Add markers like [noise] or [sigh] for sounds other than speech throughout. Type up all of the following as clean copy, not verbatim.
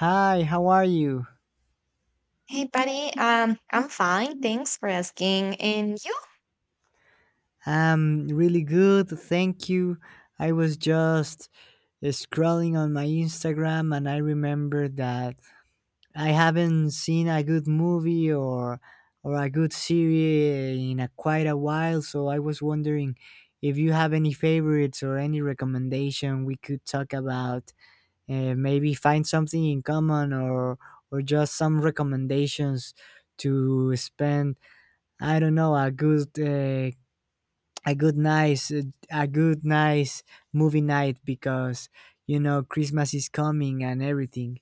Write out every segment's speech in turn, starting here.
Hi, how are you? Hey, buddy. I'm fine. Thanks for asking. And you? I'm really good, thank you. I was just scrolling on my Instagram and I remembered that I haven't seen a good movie or a good series in quite a while, so I was wondering if you have any favorites or any recommendation we could talk about, maybe find something in common or just some recommendations to spend I don't know, a good nice uh, a good nice movie night because you know Christmas is coming and everything.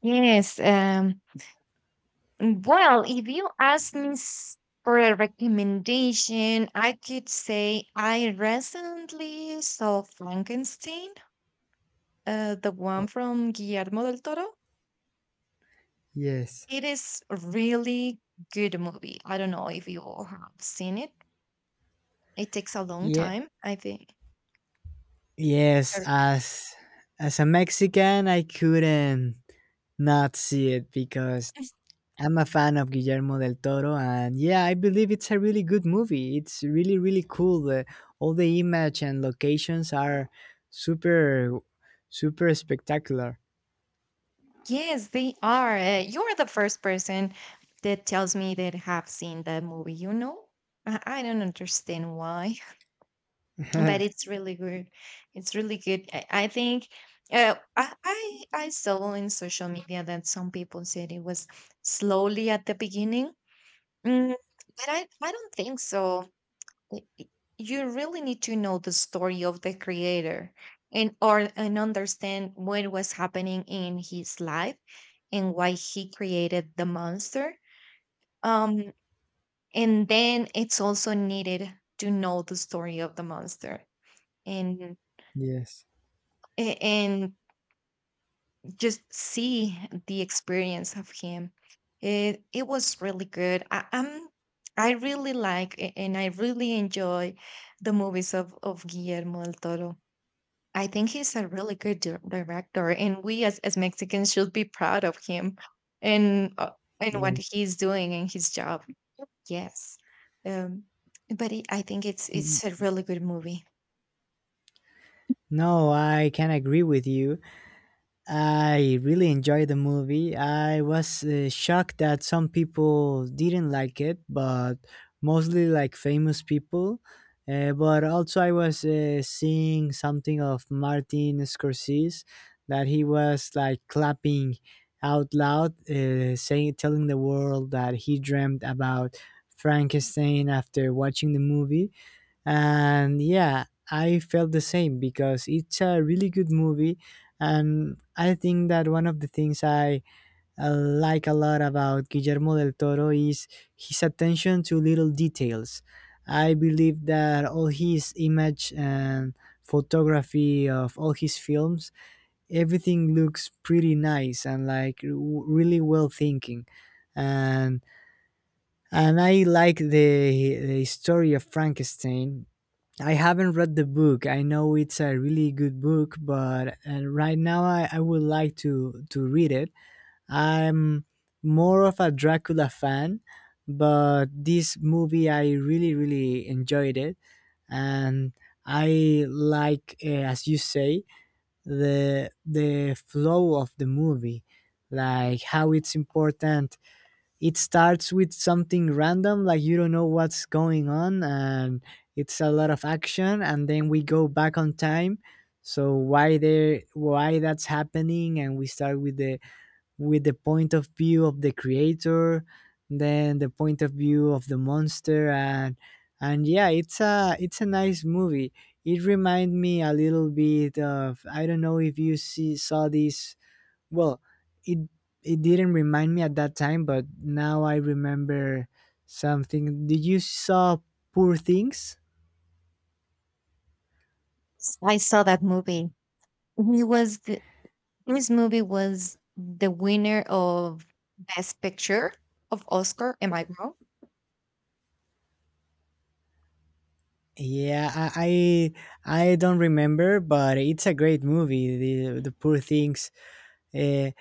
Yes. Well, if you ask me for a recommendation, I could say I recently saw Frankenstein, the one from Guillermo del Toro. Yes. It is really good movie. I don't know if you all have seen it. It takes a long Yeah. time, I think. Yes, Sorry. As a Mexican, I couldn't not see it because I'm a fan of Guillermo del Toro, and yeah, I believe it's a really good movie. It's really really cool. All the image and locations are super super spectacular. Yes, they are. You are the first person that tells me that have seen that movie. I don't understand why, [laughs] but it's [laughs] really good. It's really good. I think I saw in social media that some people said it was slowly at the beginning, Mm, but I don't think so y- y- you really need to know the story of the creator and understand what was happening in his life and why he created the monster, um and then it's also needed to know the story of the monster, and yes. And just see the experience of him. It was really good. I really like and I really enjoy the movies of Guillermo del Toro. I think he's a really good director, and we as Mexicans should be proud of him and uh, and what Yes. he's doing and his job. Yes, um, but I think it's a really good movie. No, I can agree with you. I really enjoyed the movie. I was shocked that some people didn't like it, but mostly like famous people. But also, I was seeing something of Martin Scorsese that he was like clapping out loud, saying, telling the world that he dreamt about Frankenstein after watching the movie, and yeah, I felt the same because it's a really good movie. And I think that one of the things I like a lot about Guillermo del Toro is his attention to little details. I believe that all his image and photography of all his films, everything looks pretty nice and like really well thinking. And and I like the story of Frankenstein. I haven't read the book. I know it's a really good book, but right now I would like to read it. I'm more of a Dracula fan, but this movie I really really enjoyed it, and I like, as you say, the flow of the movie, like how it's important. It starts with something random, like you don't know what's going on and it's a lot of action, and then we go back on time. So why that's happening, and we start with the point of view of the creator, then the point of view of the monster. And yeah, it's a nice movie. It reminds me a little bit of, I don't know if you see saw this. Well, it it didn't remind me at that time, but now I remember something. Did you saw Poor Things? I saw that movie. He was the, his movie was the winner of Best Picture of Oscar. Am I wrong? Yeah, I don't remember, but it's a great movie. The Poor Things. Uh,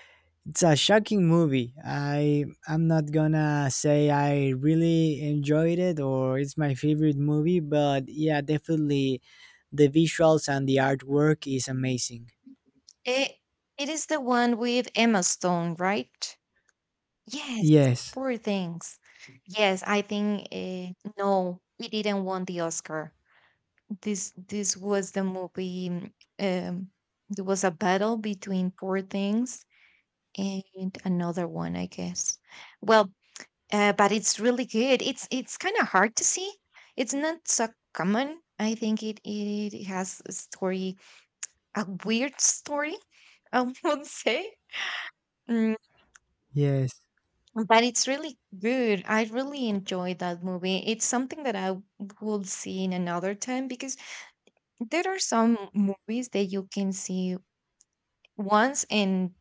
it's a shocking movie. I'm not gonna say I really enjoyed it or it's my favorite movie, but yeah, definitely the visuals and the artwork is amazing. It it is the one with Emma Stone, right? Yes, Yes. poor things. Yes, I think no, we didn't want the Oscar. This was the movie. Um, there was a battle between Poor Things and another one, I guess. Well, but it's really good. It's kind of hard to see. It's not so common. I think it has a story, a weird story, [laughs] I would say. Mm, Yes. but it's really good. I really enjoyed that movie. It's something that I would see in another time because there are some movies that you can see once and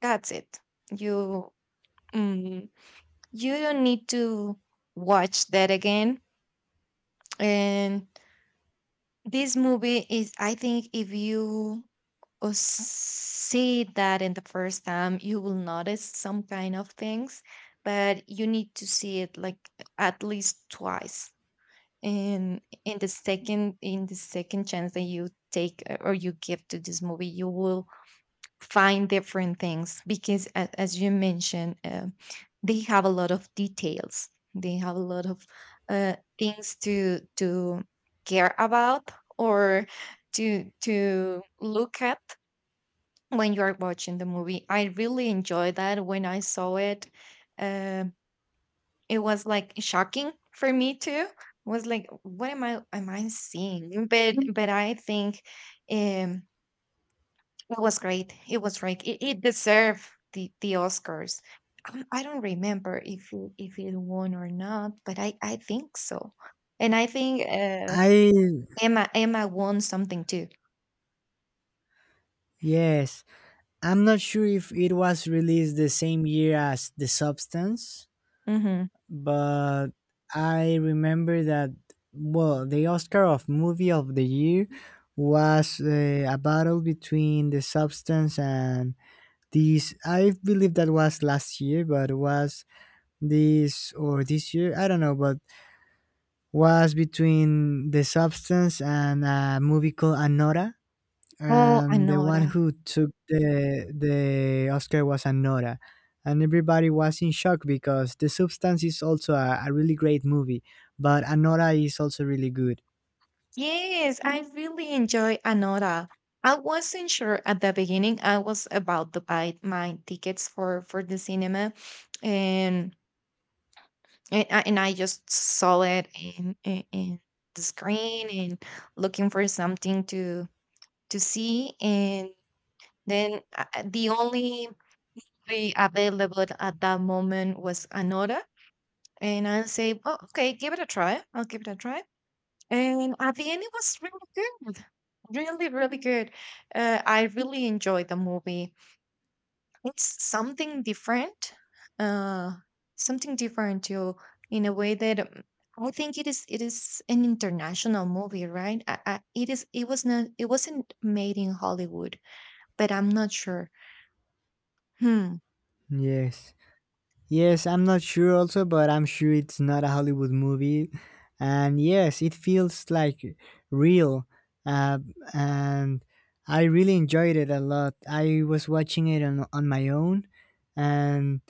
that's it. You mm, you don't need to watch that again. And this movie is, I think, if you see that in the first time, you will notice some kind of things, but you need to see it like at least twice, and in the second chance that you take or you give to this movie, you will find different things because as you mentioned, they have a lot of details, they have a lot of things to care about or to look at when you are watching the movie. I really enjoyed that when I saw it. uh, it was like shocking for me too. Was like what am I seeing? But but I think, um it was great. It was great. It deserved the Oscars. I don't remember if if it won or not, but I think so. And I think I Emma, Emma won something too. Yes, I'm not sure if it was released the same year as The Substance, Mm-hmm. but I remember that, well, the Oscar of Movie of the Year was a battle between The Substance and this. I believe that was last year, but was this or this year? I don't know, but was between The Substance and a movie called Anora, Oh, and the one Anora. who took the Oscar was Anora, and everybody was in shock because The Substance is also a really great movie, but Anora is also really good. Yes, I really enjoy Anora. I wasn't sure at the beginning. I was about to buy my tickets for the cinema, and and I just saw it in, in the screen and looking for something to see, and then the only movie available at that moment was Anora, and I say, "Oh, okay, give it a try. I'll give it a try." And at the end, it was really good. Really, really good. I really enjoyed the movie. It's uh, something different to in a way that I think it is. It is an international movie, right? It is. It was not. It wasn't made in Hollywood, but I'm not sure. Hmm. Yes. Yes, I'm not sure also, but I'm sure it's not a Hollywood movie. And yes, it feels like real. Uh, and I really enjoyed it a lot. I was watching it on my own, and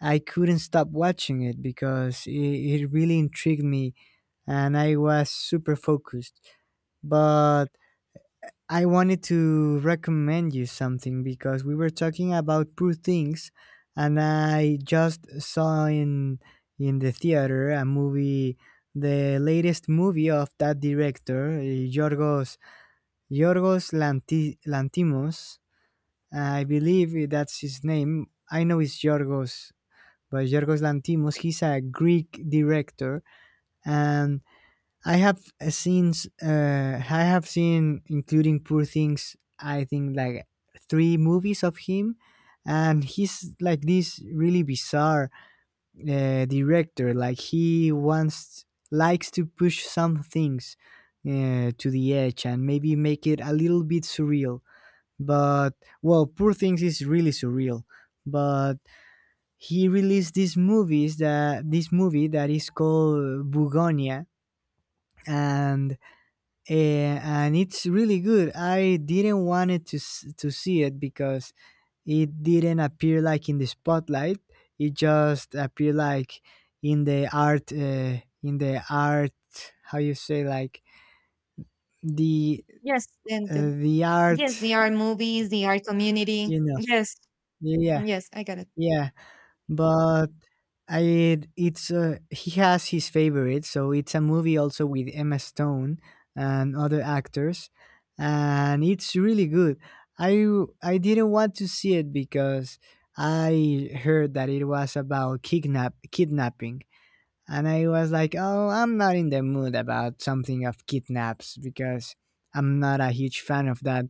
I couldn't stop watching it because it really intrigued me and I was super focused. But I wanted to recommend you something because we were talking about Poor Things, and I just saw in the theater a movie, the latest movie of that director, Yorgos Lantimos. I believe that's his name. I know it's Yorgos, but Yorgos Lantimos. He's a Greek director, and I have seen I have seen, including Poor Things, I think like three movies of him. And he's like this really bizarre director, like he wants likes to push some things to the edge and maybe make it a little bit surreal. But well, Poor Things is really surreal, but he released these movies that this movie that is called Bugonia. And Eh, and it's really good. I didn't want it to to see it because it didn't appear like in the spotlight. It just appeared like in the art, in the art. How you say like the Yes. And the, the yes, the art? art movies, the art community. You know? Yes. Yeah, Yes, I got it. yeah. but I it's he has his favorite. So it's a movie also with Emma Stone and other actors, and it's really good. I I didn't want to see it because I heard that it was about kidnapping, and I was like, "Oh, I'm not in the mood about something of kidnaps because I'm not a huge fan of that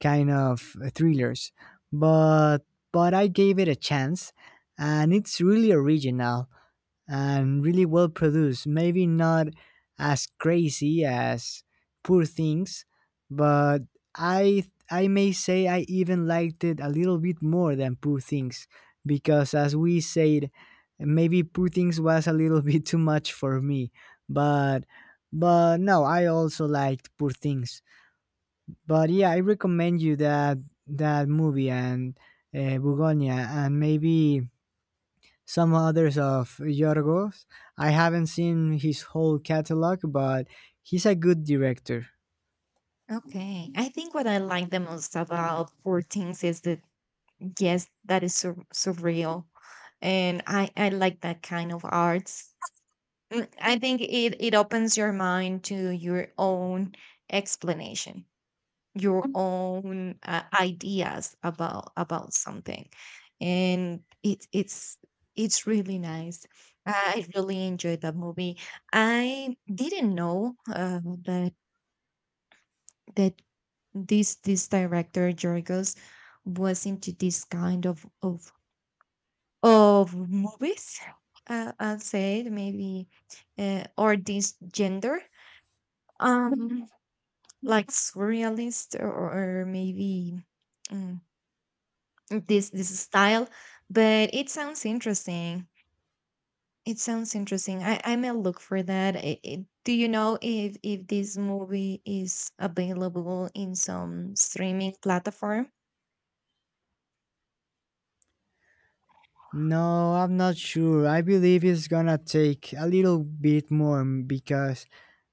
kind of thrillers." But but I gave it a chance, and it's really original and really well produced. Maybe not as crazy as Poor Things, but I I may say I even liked it a little bit more than Poor Things because, as we said, maybe Poor Things was a little [laughs] bit too much for me, but no, I also liked Poor Things. But yeah, I recommend you that that movie and Bugonia and maybe some others of Yorgos. I haven't seen his whole catalog, but he's a good director. Okay. I think what I like the most about Poor Things is the yes, that is surreal. And I like that kind of arts. Mm, I think it opens your mind to your own explanation, your Mm. own ideas about something. And it's really nice. I really enjoyed that movie. I didn't know that that this director Jorgos was into this kind of of movies, I will say it maybe, or this gender, um, like surrealist, or maybe mm, this style. But it sounds interesting. It sounds interesting. I may look for that. Do you know if this movie is available in some streaming platform? No, I'm not sure. I believe it's gonna take a little bit more because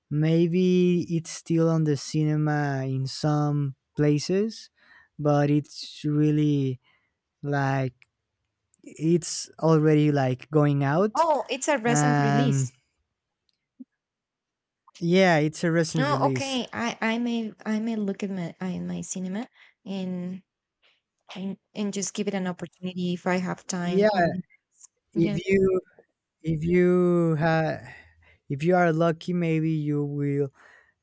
maybe it's still on the cinema in some places, but it's really like it's already like going out, Oh, it's a recent and release. yeah, it's a recent Oh, release. okay. I may look at my in my cinema and and just give it an opportunity if I have time. Yeah, And if yes, you if you ha- if you are lucky, maybe you will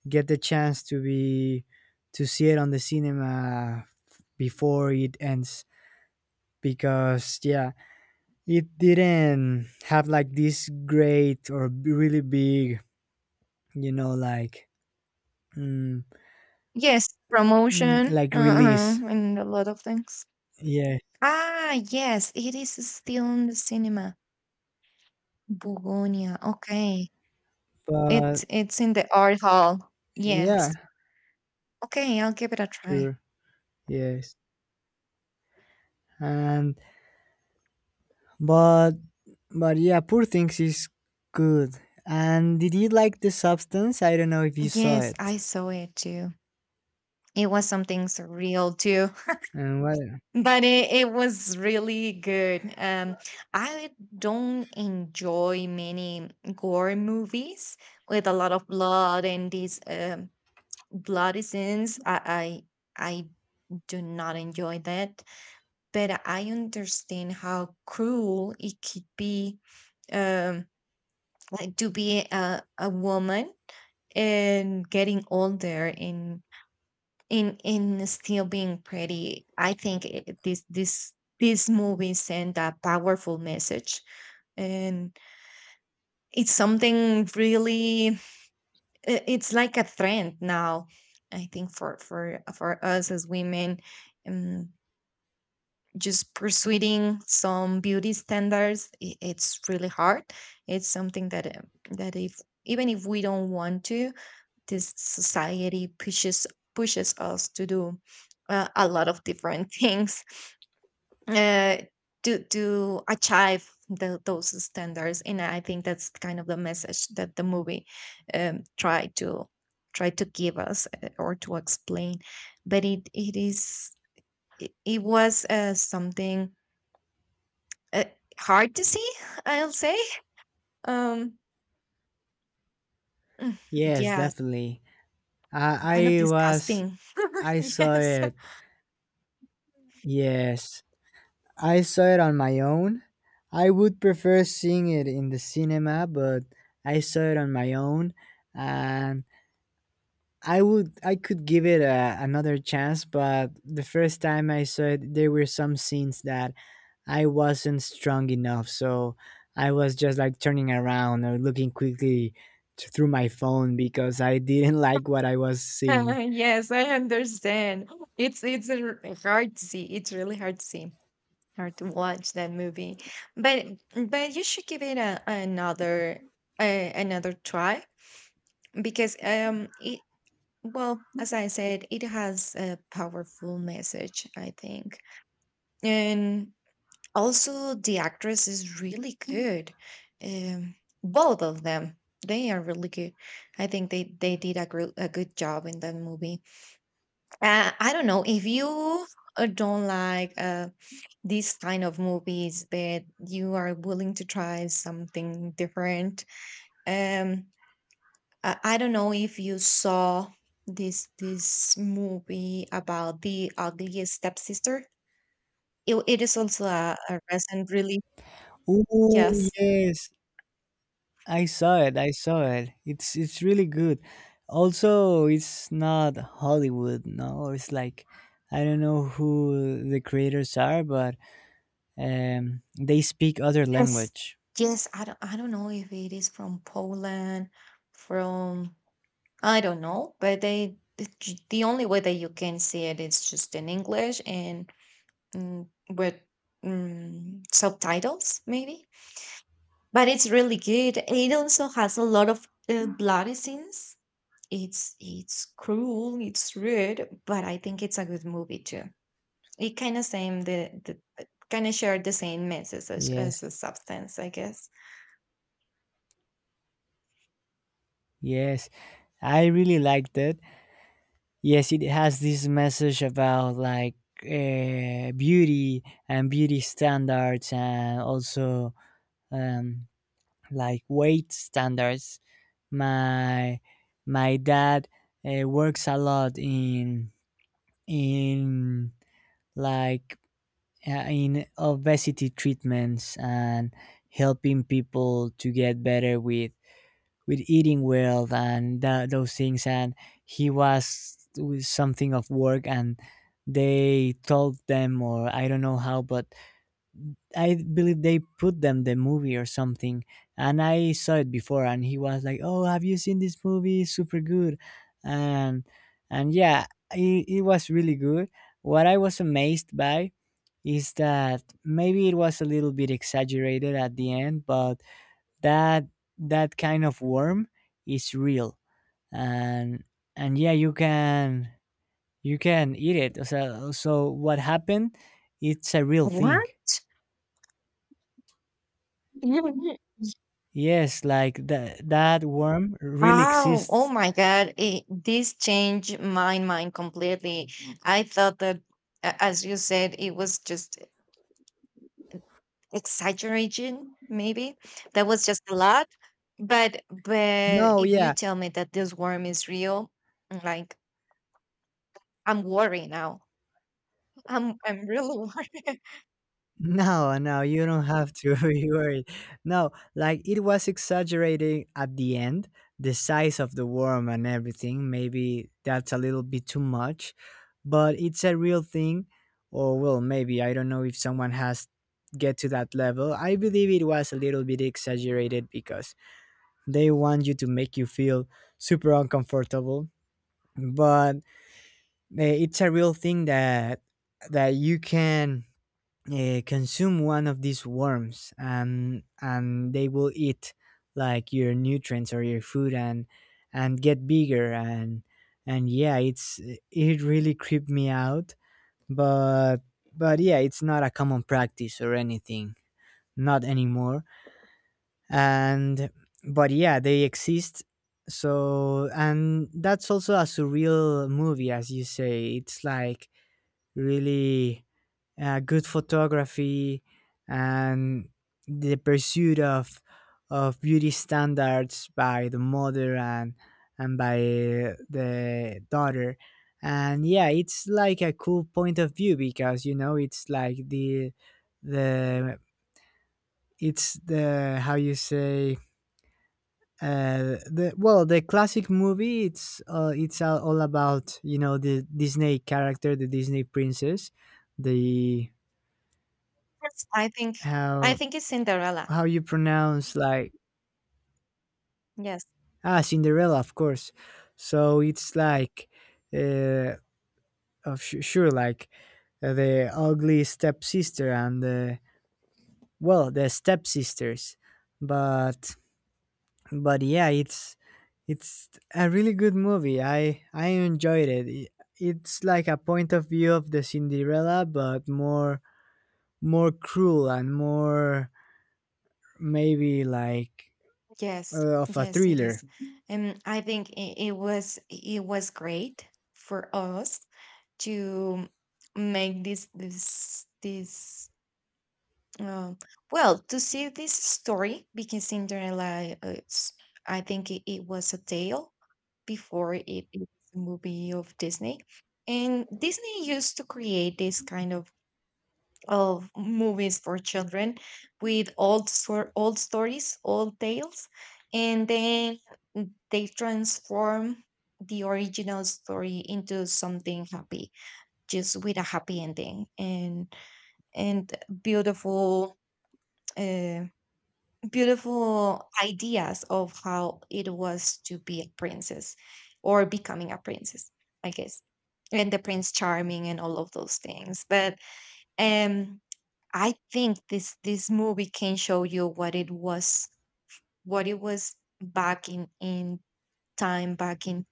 get the chance to see it on the cinema before it ends because yeah, it didn't have like this great or really big, you know, like mm, yes, promotion, like release. uh-huh, and a lot of things. Yeah, Ah, yes, it is still in the cinema. Bugonia. Okay, but it's in the art hall. yeah, Yes. Okay, I'll give it a try. sure, yes. And but but yeah, Poor Things is good. And did you like The Substance? I don't know if you saw Yes, I it saw it too. It was something surreal too. and what But it was really good. I don't enjoy many gore movies with a lot of blood and these bloody scenes. I do not enjoy that. But I understand how cruel it could be, um, like to be a woman and getting older and in still being pretty. I think this movie sent a powerful message, and it's something really, it's like a trend now I think for for us as women. um, just pursuing some beauty standards, it's really hard. It's something that that if even if we don't want to, this society pushes, pushes us to do a lot of different [laughs] things uh, to achieve those standards. And I think that's kind of the message that the movie tried to try to give us, or to explain. But it is, it was, something uh, hard to see, [laughs] I'll say. um Yes, yes, definitely. kind of I I was disgusting. [laughs] I saw Yes. it. Yes, I saw it on my own. I would prefer seeing it in the cinema, but I saw it on my own, and I could give it another chance. But the first time I saw it, there were some scenes that I wasn't strong enough, so I was just like turning around or looking quickly through my phone because I didn't [laughs] like what I was [laughs] seeing. Yes, I understand. It's a hard to see. It's really hard to see, hard to watch that movie. But but you should give it another another try because it well, as I said, it has a powerful message I think. And also the actress is really good. Um, Both of them, they are really good. I think they did a a good job in that movie. I don't know if you don't like these kind of movies, but you are willing to try something different. Um, I don't know if you saw this movie about the ugliest stepsister. It is also a recent release. Oh Yes, yes, I saw it. I saw it. It's really good. Also, it's not Hollywood. No, it's like I don't know who the creators are, but they speak other yes, language. yes. I don't know if it is from Poland, from I don't know, but the only way that you can see it is just in English and with subtitles, maybe. But it's really good. It also has a lot of bloody scenes. It's cruel, it's rude, but I think it's a good movie too. It kind of same the kind of shared the same message Yes, as a substance, I guess. yes, I really liked it. Yes, it has this message about like beauty and beauty standards, and also um, like weight standards. My my dad works a lot in like in obesity treatments and helping people to get better with eating well and those things. And he was with something of work, and they told them, or I don't know how, but I believe they put them the movie or something, and I saw it before, and he was like, "Oh, have you seen this movie? Super good," and and yeah, it was really good. What I was amazed by is that maybe it was a little bit exaggerated at the end, but that that kind of worm is real, and and yeah, you can eat it. So so what happened? It's a real What? thing. [laughs] Yes, like that that worm really Wow. Oh exists. my God. This changed my mind completely. I thought that, as you said, it was just exaggeration, maybe. That was just a lot. But No, if you yeah. tell me that this worm is real, like I'm worried now. I'm really [laughs] worried. No, no, you don't have to [laughs] be worried. No, like it was exaggerating at the end, the size of the worm and everything. Maybe that's a little bit too much, but it's a real thing. Or well, maybe I don't know if someone has get to that level. I believe it was a little bit exaggerated because they want you to make you feel super uncomfortable. But it's a real thing that that you can consume one of these worms, and they will eat like your nutrients or your food, and get bigger. And yeah, it's it really creeped me out. But but yeah, it's not a common practice or anything, not anymore. And but yeah, they exist. So and that's also a surreal movie, as you say. It's like really good photography, and the pursuit of beauty standards by the mother and by the daughter. And yeah, it's like a cool point of view because, you know, it's like the it's the how you say the, well, the classic movie. It's it's all about, you know, the Disney character, the Disney princess, the I think I how think it's Cinderella. how you pronounce like Yes. ah Cinderella, of course. So it's like uh, sure, like the ugly stepsister and the, well, the stepsisters, but yeah, it's a really good movie. I enjoyed it. It's like a point of view of the Cinderella, but more more cruel and more maybe like Yes, of a yes, it thriller. is. And I think it was great for us to make this uh, well, to see this story because Cinderella I think it was a tale before it was a movie of Disney, and Disney used to create this kind of movies for children with old stories, old tales, and then they transform the original story into something happy, just with a happy ending and beautiful uh, beautiful ideas of how it was to be a princess or becoming a princess, I guess. And the Prince Charming and all of those things. But um I think this movie can show you what it was back in time, back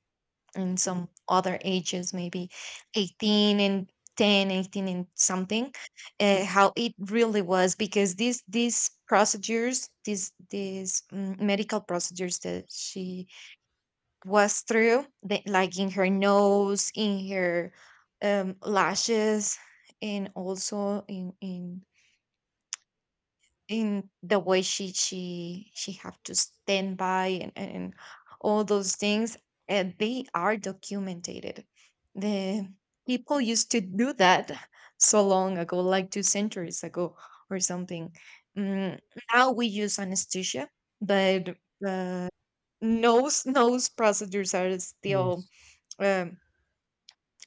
in some other ages, maybe 18 and 10, 18 and something, how it really was. Because these procedures, medical procedures that she was through, that, like in her nose, in her lashes, and also in in the way she have to stand by, and all those things, and they are documented. The People used to do that [laughs] so long ago, like two centuries ago or something. mm, Now we use anesthesia, but uh, nose [laughs] nose procedures are still Yes. um,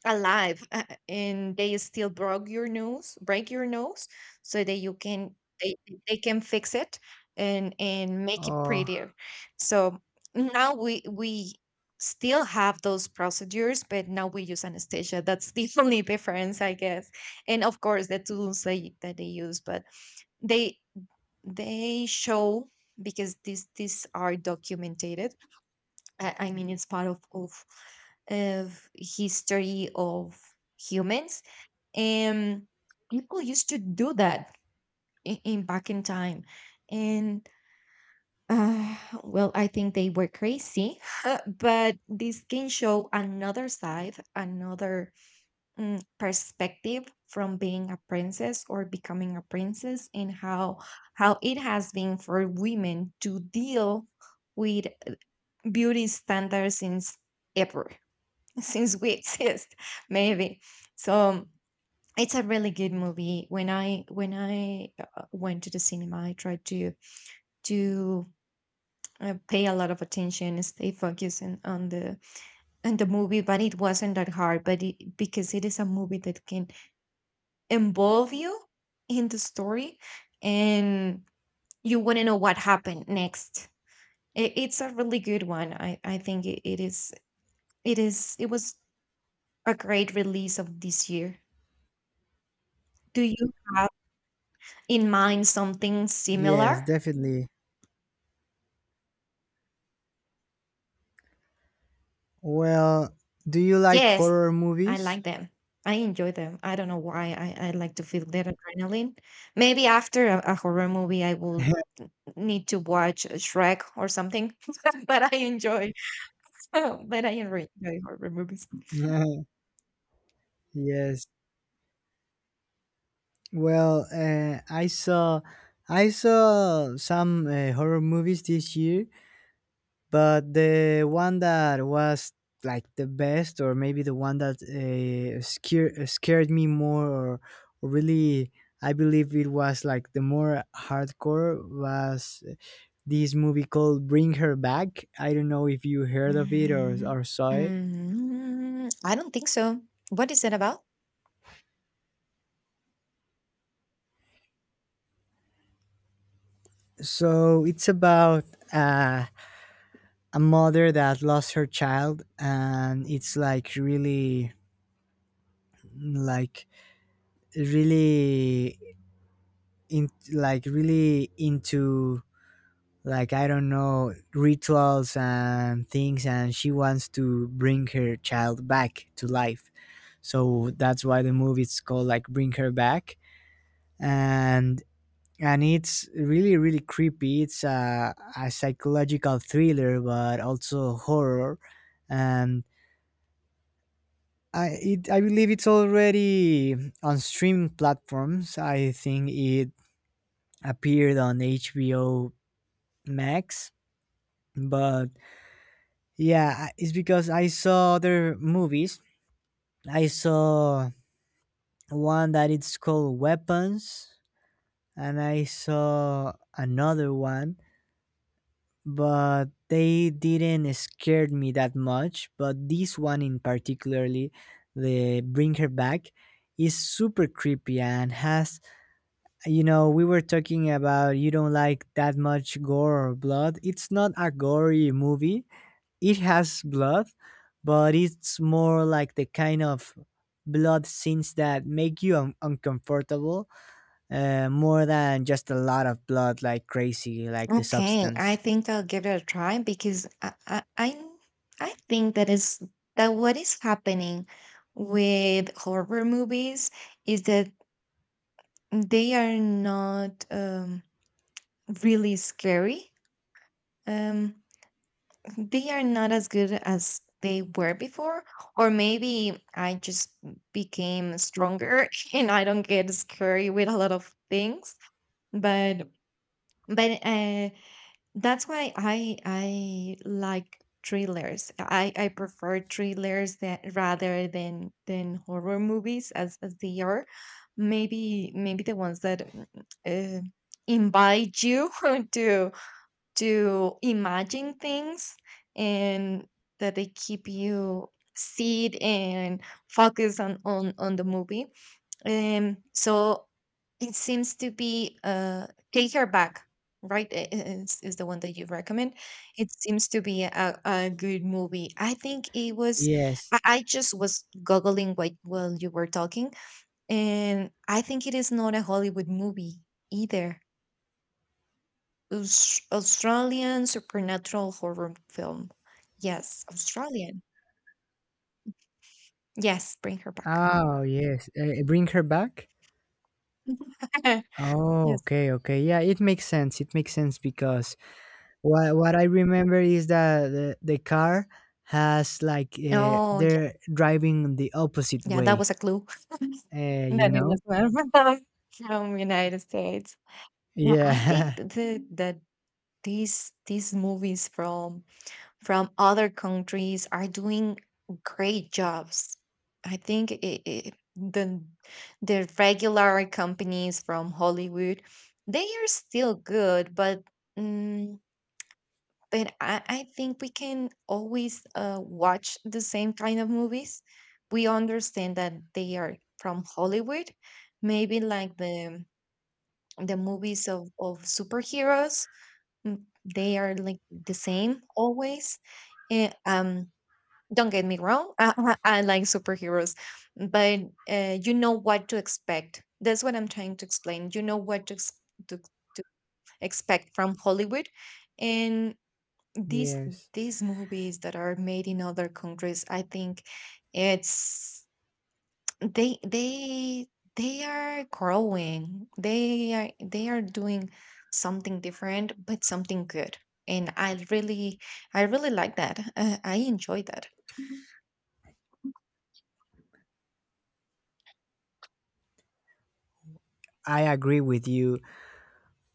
alive, and they still broke your nose break your nose so that they, they can fix it and make it Oh, prettier. So now we still have those procedures, but now we use anesthesia. That's the [laughs] only difference, I guess. And of course the tools they that they use. But they they show, because these are documented. I mean, it's part of of history, of humans. And people used to do that in back in time. And uh, well, I think they were crazy. [laughs] But this can show another side, another perspective from being a princess or becoming a princess, and how it has been for women to deal with beauty standards since ever, [laughs] since we exist, [laughs] maybe. So it's a really good movie. When I went to the cinema, I tried to pay a lot of attention and stay focused on the movie. But it wasn't that hard, but it because it is a movie that can involve you in the story, and you want to know what happened next. It's a really good one. I think it was a great release of this year. Do you in mind something yes, similar? definitely. Well, do you like Yes, horror I movies? like them. I enjoy them. I don't know why I like to feel that adrenaline. Maybe after a horror movie, I will [laughs] need to watch Shrek or something. [laughs] but I enjoy, [laughs] but I enjoy horror movies. Yes. Well, I saw some horror movies this year, but the one that was like the best, or maybe the one that scared me more, or really, I believe it was like the more hardcore was this movie called Bring Her Back. I don't know if you heard of it, or, Mm, or saw it. mm, I don't think so. What is it about? So it's about uh, a mother that lost her child, and it's like really, like really like really into like I don't know rituals and things, and she wants to bring her child back to life. So that's why the movie is called like Bring Her Back. And and it's really really creepy. It's a psychological thriller but also horror. and I believe it's already on streaming platforms. I think it appeared on HBO Max. But yeah, it's because I saw other movies. I saw one that it's called Weapons, and I saw another one, but they didn't scared me that much. But this one in particularly, the Bring Her Back, is super creepy and has, you know, we were talking about you don't like that much gore or blood. It's not a gory movie. It has blood, but it's more like the kind of blood scenes that make you uncomfortable, more than just a lot of blood, like crazy like The Okay, I Substance. think I'll give it a try, because I think that is, that what is happening with horror movies is that they are not really scary. Um, they are not as good as they were before, or maybe I just became stronger [laughs] and I don't get scary with a lot of things. But but uh, that's why I like thrillers. I prefer thrillers that, rather than horror movies as they are. Maybe the ones that uh, invite you [laughs] to to imagine things, and that they keep you seated and focus on the movie. So it seems to be Take Her Back, right? Is the one that you recommend. It seems to be a good movie. I think it was. Yes. I just was googling while you were talking, and I think it is not a Hollywood movie either. Australian supernatural horror film. Yes, Australian. Yes, bring her back. Oh, yes. Bring Her Back? [laughs] Oh, Yes. okay, okay. Yeah, it makes sense. It makes sense because what I remember is that the car has like Oh, yeah, they're driving the opposite yeah, that was way. a clue. You Then it know? was not [laughs] from United States. Well, I think Yeah. These movies from other countries are doing great jobs. I think it, it, the regular companies from Hollywood, they are still good, but mm, but I think we can always watch the same kind of movies. We understand that they are from Hollywood, maybe like the movies of superheroes. mm, They are like the same always. Eh, um, don't get me wrong. [laughs] I like superheroes, but you know what to expect. That's what I'm trying to explain. You know what to, to expect from Hollywood. And [laughs] these yes. these movies that are made in other countries, I think it's they they they are growing. They are doing something different, but something good, and I really like that. I enjoy that. I agree with you.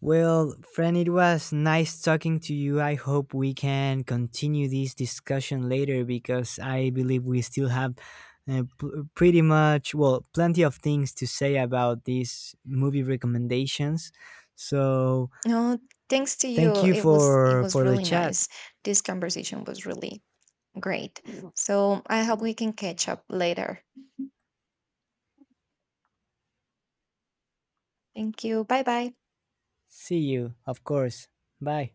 Well, friend, it was nice talking to you. I hope we can continue this discussion later because I believe we still have uh, p- pretty much, well, plenty of things to say about these movie recommendations. So, No, thanks to thank you. you It was for the really chat. nice. This conversation was really great, so I hope we can catch up later. Thank you, bye bye. See you, of course. Bye.